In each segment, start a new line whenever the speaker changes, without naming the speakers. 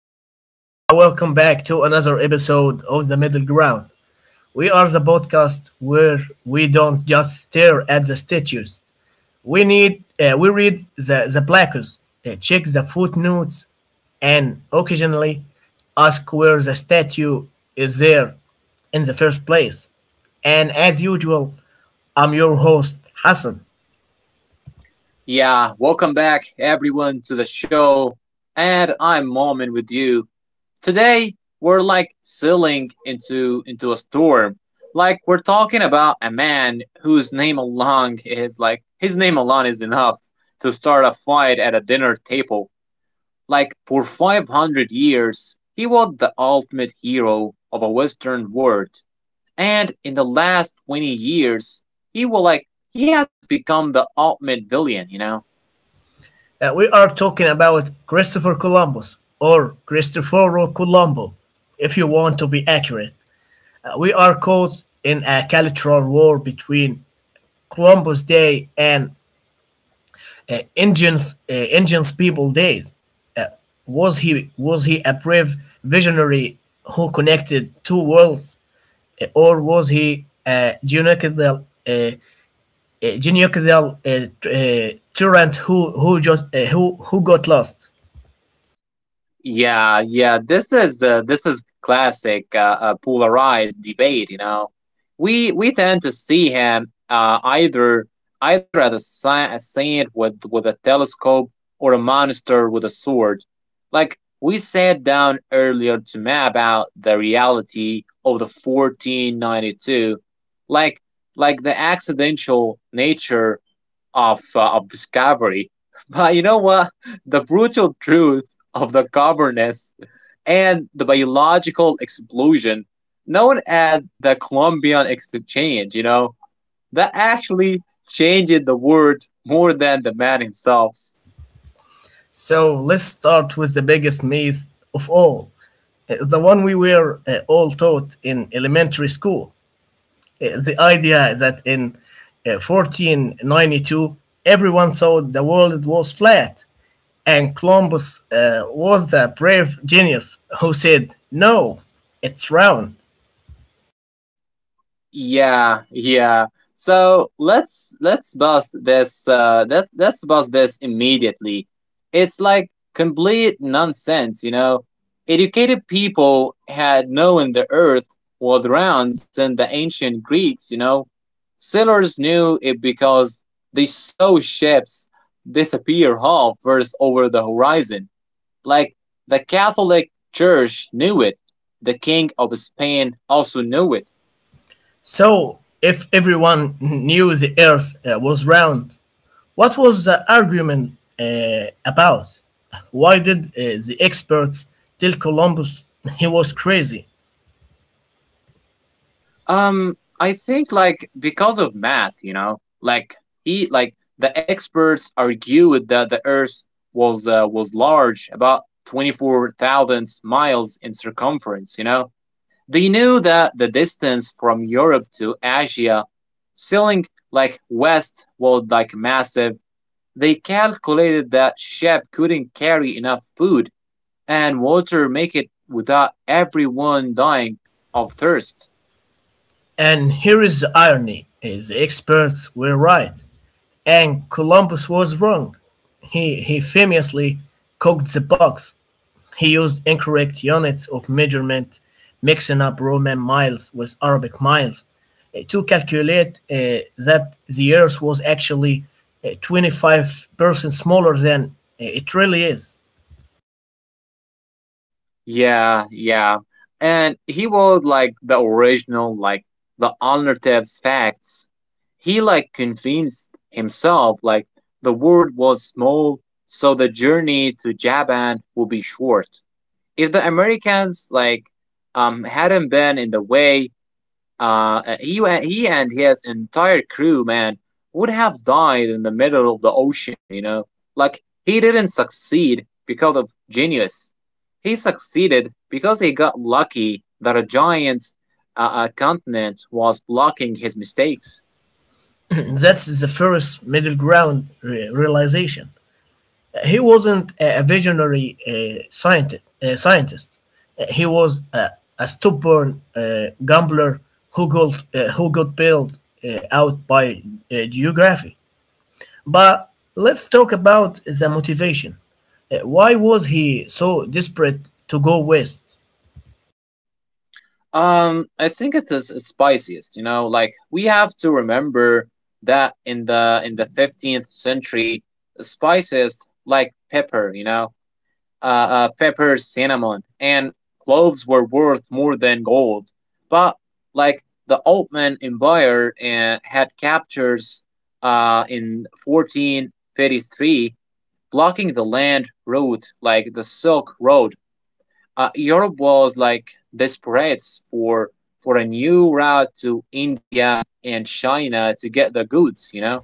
everyone, and welcome back to another episode of The Middle Ground. We are the podcast where we don't just stare at the statues. We read the plaques, check the footnotes, and occasionally ask where the statue is there in the first place. And as usual, I'm your host Hassan.
Yeah, welcome back everyone to the show. And I'm Moment with you. Today we're like sailing into a storm. Like we're talking about a man whose name alone is like his name alone is enough to start a fight at a dinner table. Like for 500 years, he was the ultimate hero of a western world. And in the last 20 years, he will like he has become the ultimate villain, you know?
That we are talking about Christopher Columbus or Cristoforo Colombo, if you want to be accurate. We are caught in a cultural war between Columbus Day and Indians people days. Uh, was he was he a brave visionary who connected two worlds, or was he a genocidal tyrant who just who got lost?
Yeah, yeah. This is classic polarized debate. You know, we tend to see him either as a saint with a telescope or a monster with a sword. Like we sat down earlier to map out the reality of the 1492, like like the accidental nature of discovery. But you know what? The brutal truth of the governance and the biological explosion known as the Columbian Exchange, that actually changed the world more than the man himself.
So let's start with the biggest myth of all, the one we were all taught in elementary school. The idea that in 1492, everyone thought the world was flat, and Columbus was a brave genius who said, "No, it's round."
Yeah, yeah. So let's bust this that let's bust this immediately. It's like complete nonsense, you know. Educated people had known the earth was round since the ancient Greeks, you know. Sailors knew it because they saw ships disappear half first over the horizon. Like the Catholic Church knew it. The King of Spain also knew it.
So if everyone knew the earth was round, what was the argument about? Why did the experts tell Columbus he was crazy?
I think like because of math, like he like the experts argue with that the Earth was large, about 24,000 miles in circumference. You know, they knew that the distance from Europe to Asia, sailing like west, was like massive. They calculated that ship couldn't carry enough food and water, make it without everyone dying of thirst.
And here is the irony, the experts were right, and Columbus was wrong. He famously cocked the box. He used incorrect units of measurement, mixing up Roman miles with Arabic miles, to calculate that the Earth was actually 25% smaller than it really is.
Yeah, yeah. And he was like the original, like the alternatives facts. He like convinced himself like the world was small, so the journey to Japan will be short. If the Americans like hadn't been in the way, he and his entire crew, man, would have died in the middle of the ocean. You know, like he didn't succeed because of genius. He succeeded because he got lucky that a giant continent was blocking his mistakes.
That's the first middle ground realization. He wasn't a visionary scientist. He was a, a stubborn uh, gambler who got, who got bailed out by geography. But let's talk about the motivation. Why was he so desperate to go west?
I think it is spiciest. You know, like we have to remember that in the fifteenth century, spices like pepper. You know, pepper, cinnamon, and cloves were worth more than gold. But like the Ottoman Empire had captures in 1433, blocking the land route like the Silk Road. Europe was like desperate for for a new route to India and China to get the goods. You know.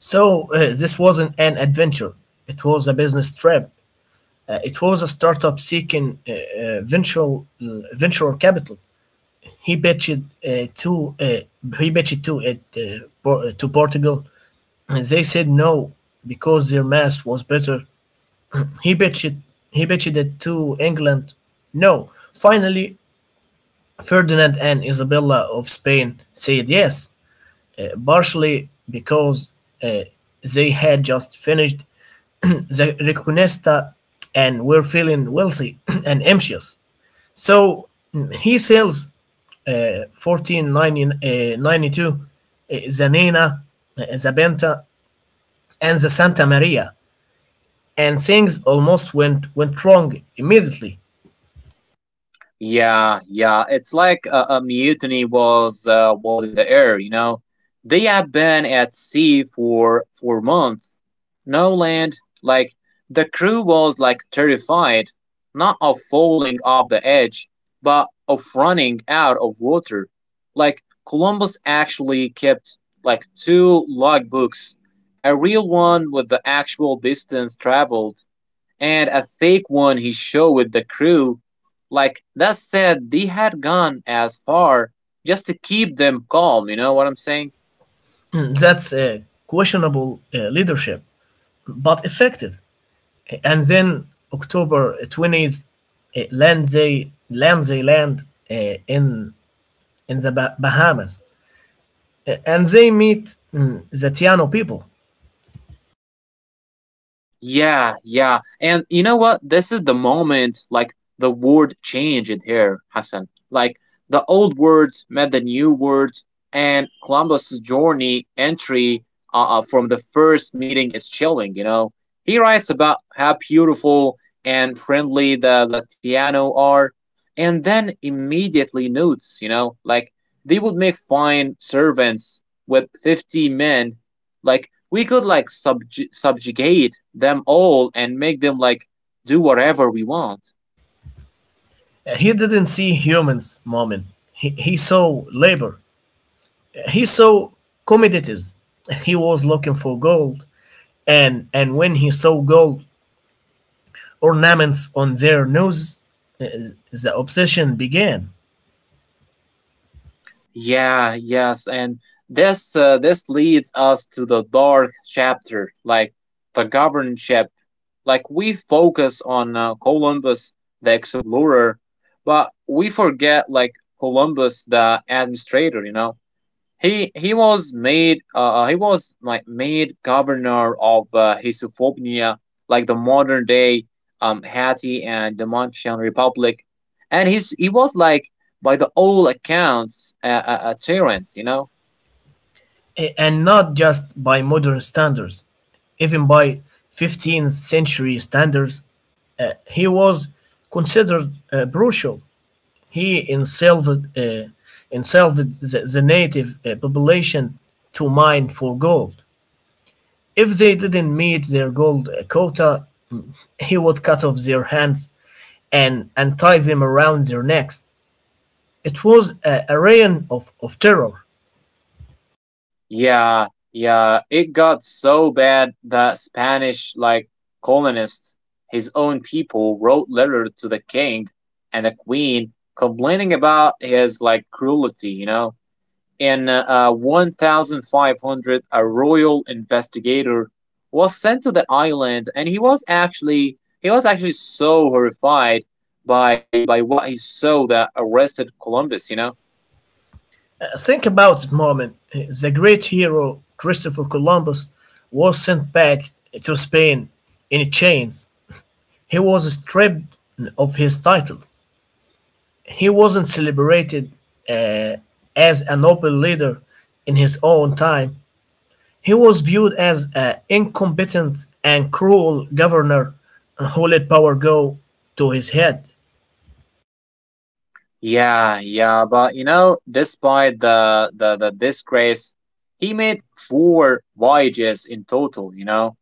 So, this wasn't an adventure, it was a business trip. It was a startup seeking venture capital. He pitched he pitched to to Portugal, and they said no because their math was better. He pitched he pitched it to England. No, finally Ferdinand and Isabella of Spain said yes, partially because uh, they had just finished the Reconquista and were feeling wealthy and ambitious. So, he sells 1492, the Nina, the Benta, and the Santa Maria, and things almost went wrong immediately.
Yeah, yeah. It's like a mutiny was in the air. You know, they have been at sea for months. No land. Like the crew was like terrified, not of falling off the edge, but of running out of water. Like Columbus actually kept like two logbooks, a real one with the actual distance traveled and a fake one he showed with the crew. Like that said, they had gone as far just to keep them calm, you know what I'm saying?
That's questionable leadership, but effective. And then October 20th, land in Bahamas, and they meet the Tiano people.
Yeah, yeah. And you know what? This is the moment like the word changed here, Hassan. Like the old words met the new words and Columbus's journey entry from the first meeting is chilling, you know. He writes about how beautiful and friendly the Tiano are and then immediately notes, like they would make fine servants with 50 men like we could like subjugate them all and make them like do whatever we want.
He didn't see humans, Mormon. He saw labor. He saw commodities. He was looking for gold, and when he saw gold ornaments on their nose, uh, the obsession began.
Yeah, yes, and this this leads us to the dark chapter, like the governorship. Like we focus on Columbus the explorer, but we forget like Columbus the administrator. You know, he was like made governor of Hisophonia, like the modern day Haiti and the Domitian Republic, and he was like by the old accounts a tyrant. You know.
A- and not just by modern standards, even by 15th century standards, he was considered brutal. He enslaved, uh, enslaved the native population to mine for gold. If they didn't meet their gold quota, he would cut off their hands and tie them around their necks. It was a reign of terror.
Yeah, yeah. It got so bad that Spanish, like colonists, his own people, wrote letters to the king and the queen complaining about his like cruelty, you know. In 1500, a royal investigator was sent to the island, and he was actually so horrified by what he saw that arrested Columbus, you know.
Think about it, Moment. The great hero Christopher Columbus was sent back to Spain in chains. He was stripped of his title. He wasn't celebrated uh, as a noble leader in his own time. He was viewed as an incompetent and cruel governor who let power go to his head.
Yeah, yeah, but you know, despite the disgrace, he made four voyages in total, you know?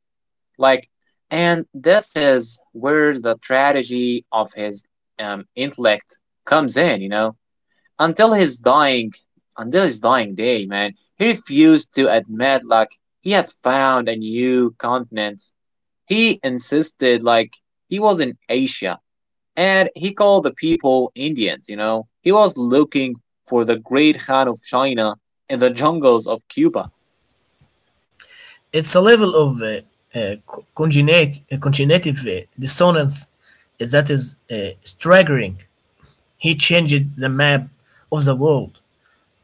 Like and this is where the tragedy of his intellect comes in, you know? Until his dying until his dying day, man, he refused to admit like he had found a new continent. He insisted like he was in Asia and he called the people Indians, you know. He was looking for the great Khan of China in the jungles of Cuba.
It's a level of cognitive dissonance that is staggering. He changed the map of the world,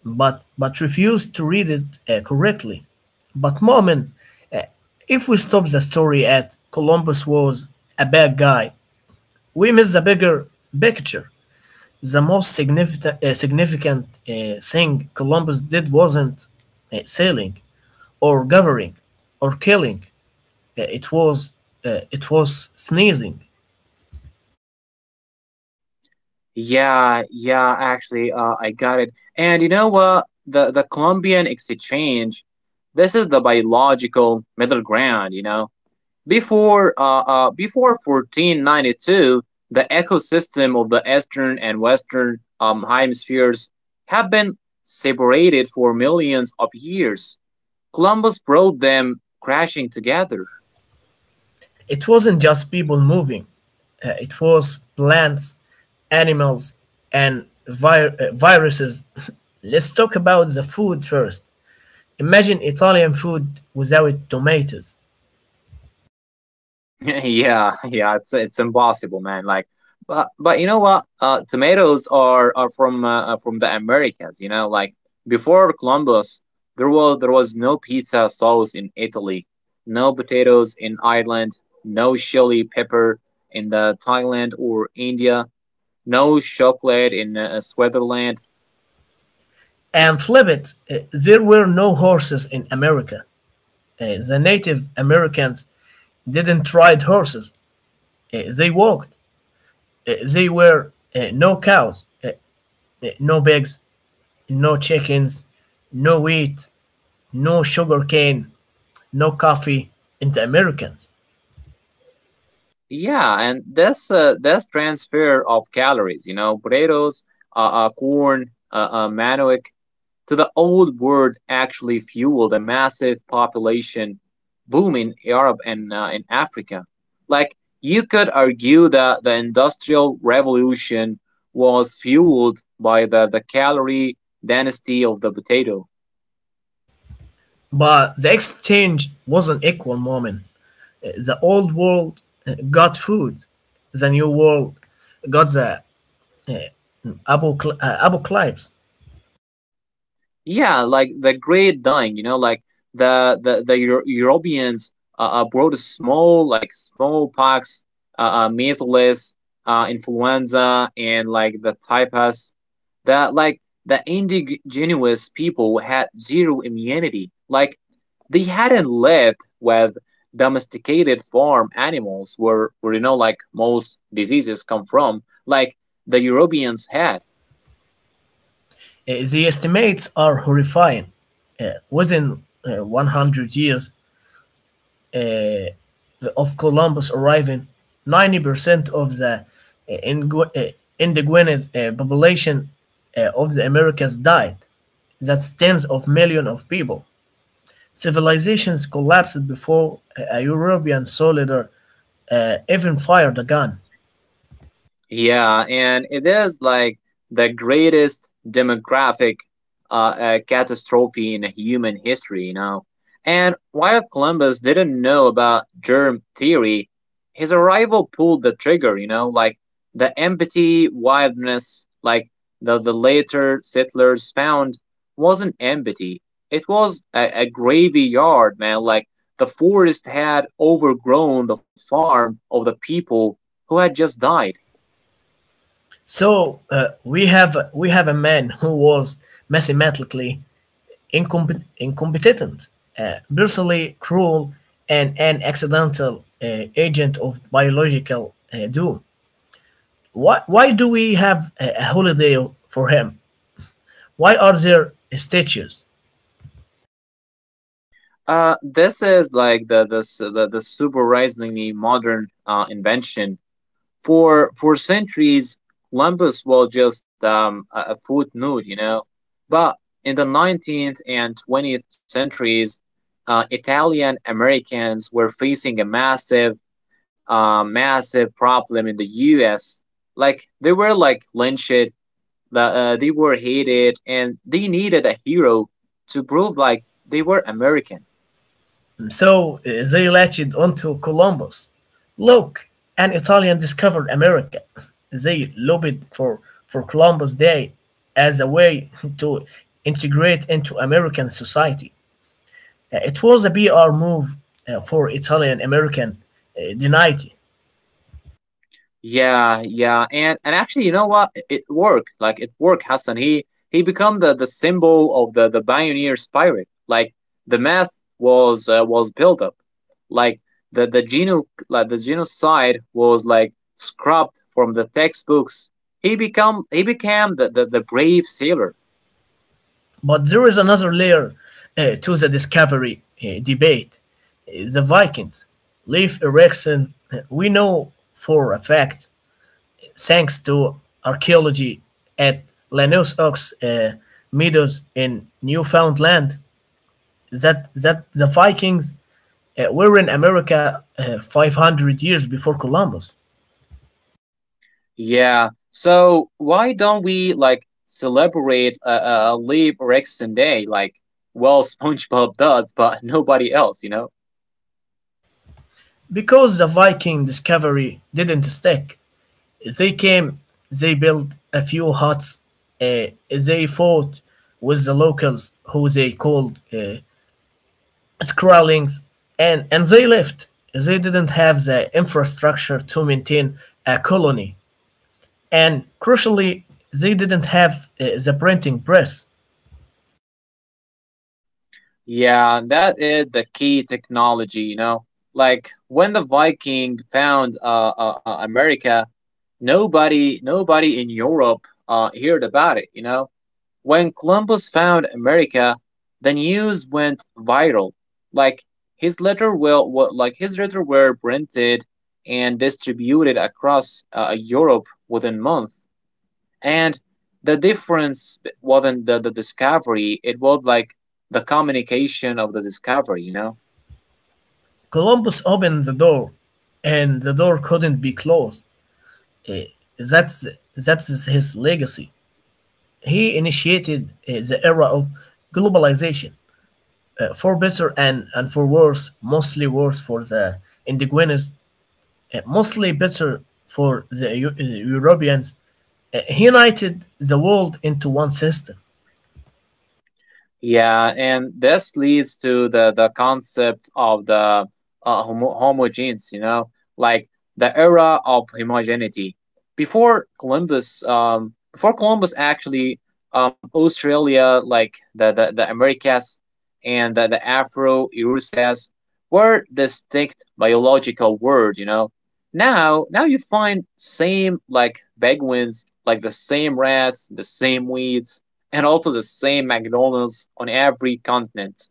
but refused to read it correctly. But Moment, uh, if we stop the story at "Columbus was a bad guy," we miss the bigger picture. The most significant thing Columbus did wasn't sailing or governing or killing. It was it was sneezing.
Yeah, yeah, actually, I got it. And you know what? The Colombian exchange, this is the biological middle ground, you know. Before, before 1492, the ecosystem of the eastern and western hemispheres have been separated for millions of years. Columbus brought them crashing together.
It wasn't just people moving. It was plants, animals, and viruses. Let's talk about the food first. Imagine Italian food without tomatoes.
Yeah, yeah, it's impossible, man. Like, but you know what? Tomatoes are from the Americas. You know, like before Columbus, there was no pizza sauce in Italy, no potatoes in Ireland, no chili pepper in the Thailand or India, no chocolate in Switzerland.
And flip it, there were no horses in America. The Native Americans didn't ride horses. They walked. They were No cows, no pigs, no chickens, no wheat, no sugar cane, no coffee in the Americans.
Yeah, and that's transfer of calories. You know, potatoes, corn, manioc to the old world actually fueled a massive population boom in Europe and in Africa. Like you could argue that the Industrial Revolution was fueled by the calorie density of the potato.
But the exchange wasn't equal, Moment. The old world got food, the new world got the uh, apocalypse.
Yeah, like the great dying, you know, like Europeans brought smallpox, measles, influenza, and like the typhus. That like the indigenous people had zero immunity. Like they hadn't lived with domesticated farm animals where you know like most diseases come from. Like the Europeans had.
The estimates are horrifying. Within 100 years uh, of Columbus arriving, 90% of the uh, ingu- uh, indigenous population of the Americas died. That's tens of millions of people. Civilizations collapsed before a European soldier even fired a gun.
Yeah, and it is like the greatest demographic catastrophe in human history, you know. And while Columbus didn't know about germ theory, his arrival pulled the trigger, you know, like the empty wilderness, like the later settlers found, wasn't empty. It was a graveyard, man. Like the forest had overgrown the farm of the people who had just died.
So, we have a man who was mathematically incompetent, brutally cruel, and an accidental agent of biological doom. Why do we have a holiday for him? Why are there statues?
This is like the surprisingly modern invention. For centuries, Columbus was just a footnote, you know. But in the 19th and 20th centuries, Italian Americans were facing a massive, massive problem in the U.S. Like they were like lynched, they were hated, and they needed a hero to prove like they were American.
So they latched onto Columbus. Look, an Italian discovered America. They lobbied for Columbus Day as a way to integrate into American society. It was a PR move for Italian American denied.
Yeah, yeah, and actually, you know what? It worked. Like it worked, Hassan. He become the symbol of the pioneer spirit. Like the myth was built up. Like the genocide was like scrubbed from the textbooks. He became the brave sailor.
But there is another layer to the discovery debate. The Vikings, Leif Erikson, we know for a fact thanks to archaeology at Lanus Ox Meadows in Newfoundland, that the Vikings were in America 500 years before Columbus.
Yeah. So why don't we like celebrate a Leif Erikson Day like well SpongeBob does, but nobody else, you know?
Because the Viking discovery didn't stick, they came, they built a few huts, they fought with the locals who they called Skrallings, and they left. They didn't have the infrastructure to maintain a colony. And crucially, they didn't have the printing press.
Yeah, that is the key technology, you know. Like when the Viking found America, nobody in Europe heard about it, you know. When Columbus found America, the news went viral. Like his letter will, wa- like his letter were printed and distributed across Europe within month and the difference wasn't the discovery, it was like the communication of the discovery, you know.
Columbus opened the door, and the door couldn't be closed. Uh, that's his legacy. He initiated the era of globalization, for better and for worse, mostly worse for the indigenous, mostly better for the Europeans. He united the world into one system.
Yeah, and this leads to the concept of the homogenes, you know, like the era of homogeneity. Before Columbus actually, Australia, like the Americas and the Afro Eurasias, were distinct biological world, you know. Now you find same like penguins, like the same rats, the same weeds and also the same McDonald's on every continent.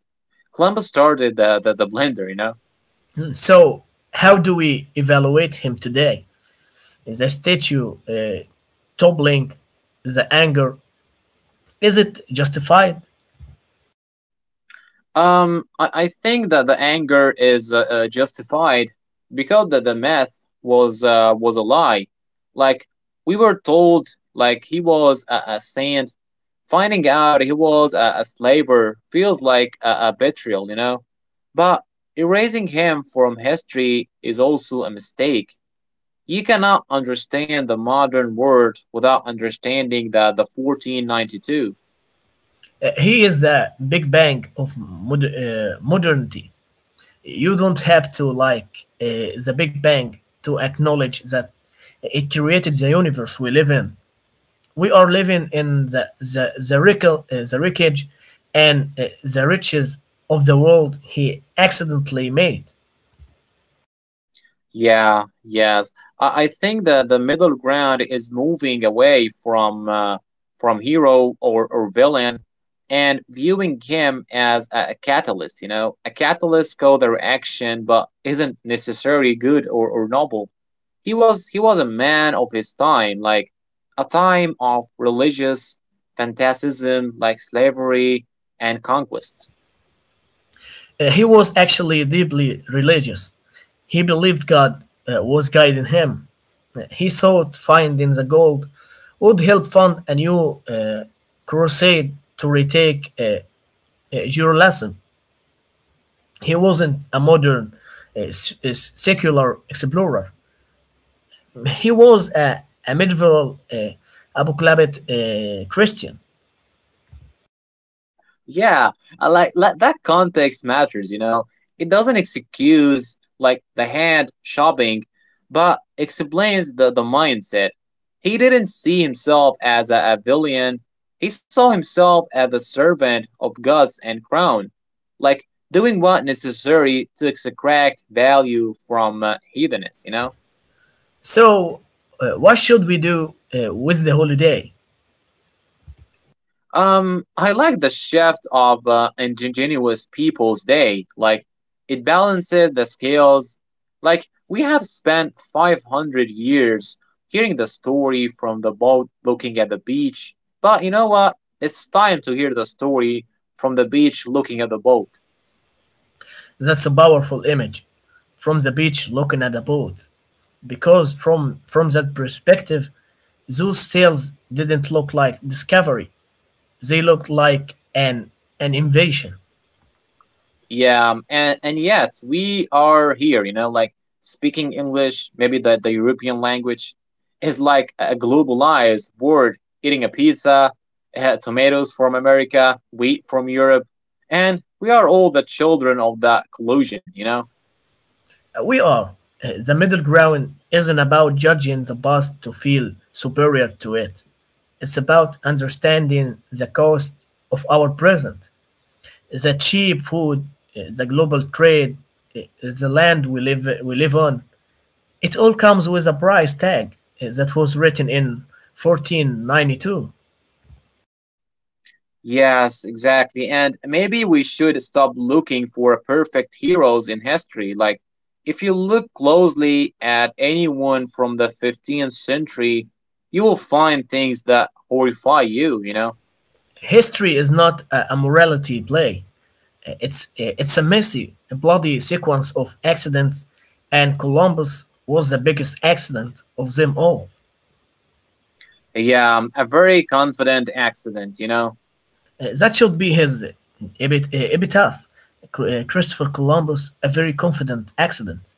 Columbus started the blender, you know?
Hmm. So, how do we evaluate him today? The statue toppling, the anger? Is it justified?
I think that the anger is justified because the myth was a lie. Like, we were told, like, he was a saint. Finding out he was a slaver feels like a betrayal, you know? But erasing him from history is also a mistake. You cannot understand the modern world without understanding the 1492.
He is the Big Bang of modernity. You don't have to like the Big Bang to acknowledge that it created the universe we live in. We are living in the the wreckage and the riches of the world he accidentally made.
Yeah, yes. I think that the middle ground is moving away from hero or villain and viewing him as a catalyst, you know, a catalyst called their action but isn't necessarily good or noble. He was a man of his time, like a time of religious fanaticism like slavery and conquest.
He was actually deeply religious. He believed God was guiding him. He thought finding the gold would help fund a new crusade to retake Jerusalem. He wasn't a modern secular explorer. He was a medieval apocalyptic Christian.
Yeah, I like that, that context matters, you know. It doesn't excuse like the hand shopping, but explains the mindset. He didn't see himself as a villain. He saw himself as the servant of gods and crown, like doing what necessary to extract value from heathenness, you know?
So, what should we do with the holiday?
I like the shift of Indigenous Peoples Day. Like, it balances the scales. Like, we have spent 500 years hearing the story from the boat looking at the beach. But you know what? It's time to hear the story from the beach looking at the boat.
That's a powerful image, from the beach looking at a boat, because from that perspective those sails didn't look like discovery, they looked like an invasion.
Yeah, and yet we are here, you know, like speaking English, maybe the European language is like a globalized word, eating a pizza, tomatoes from America, wheat from Europe, and we are all the children of that collusion, you know?
We are The middle ground isn't about judging the past to feel superior to it, it's about understanding the cost of our present, the cheap food, the global trade, uh, the land we live on. It all comes with a price tag that was written in 1492.
Yes, exactly. And maybe we should stop looking for perfect heroes in history. Like, if you look closely at anyone from the 15th century, you will find things that horrify you, you know?
History is not a morality play. It's a messy, a bloody sequence of accidents, and Columbus was the biggest accident of them all.
Yeah, a very confident accident, you know?
That should be his epitaph. Christopher Columbus, a very confident accident.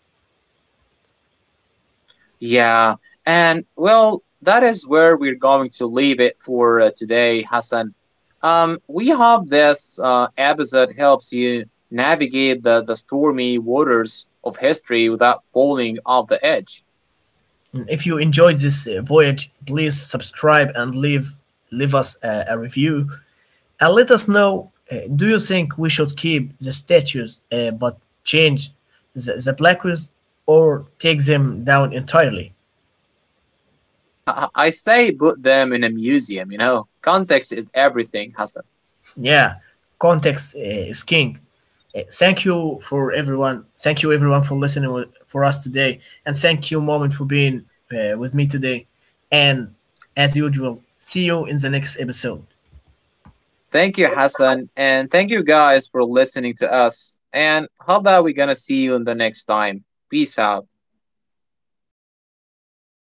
Yeah, and well, that is where we're going to leave it for today, Hassan. We hope this episode helps you navigate the stormy waters of history without falling off the edge.
If you enjoyed this voyage, please subscribe and leave us a review. And let us know, do you think we should keep the statues but change the plaques or take them down entirely?
I say put them in a museum, you know. Context is everything, Hassan.
Yeah, context is king. Thank you for everyone. Thank you everyone for for us today, and thank you, Moment, for being with me today. And as usual, see you in the next episode.
Thank you, Hassan, and thank you guys for listening to us. And hope that we're gonna see you in the next time. Peace out.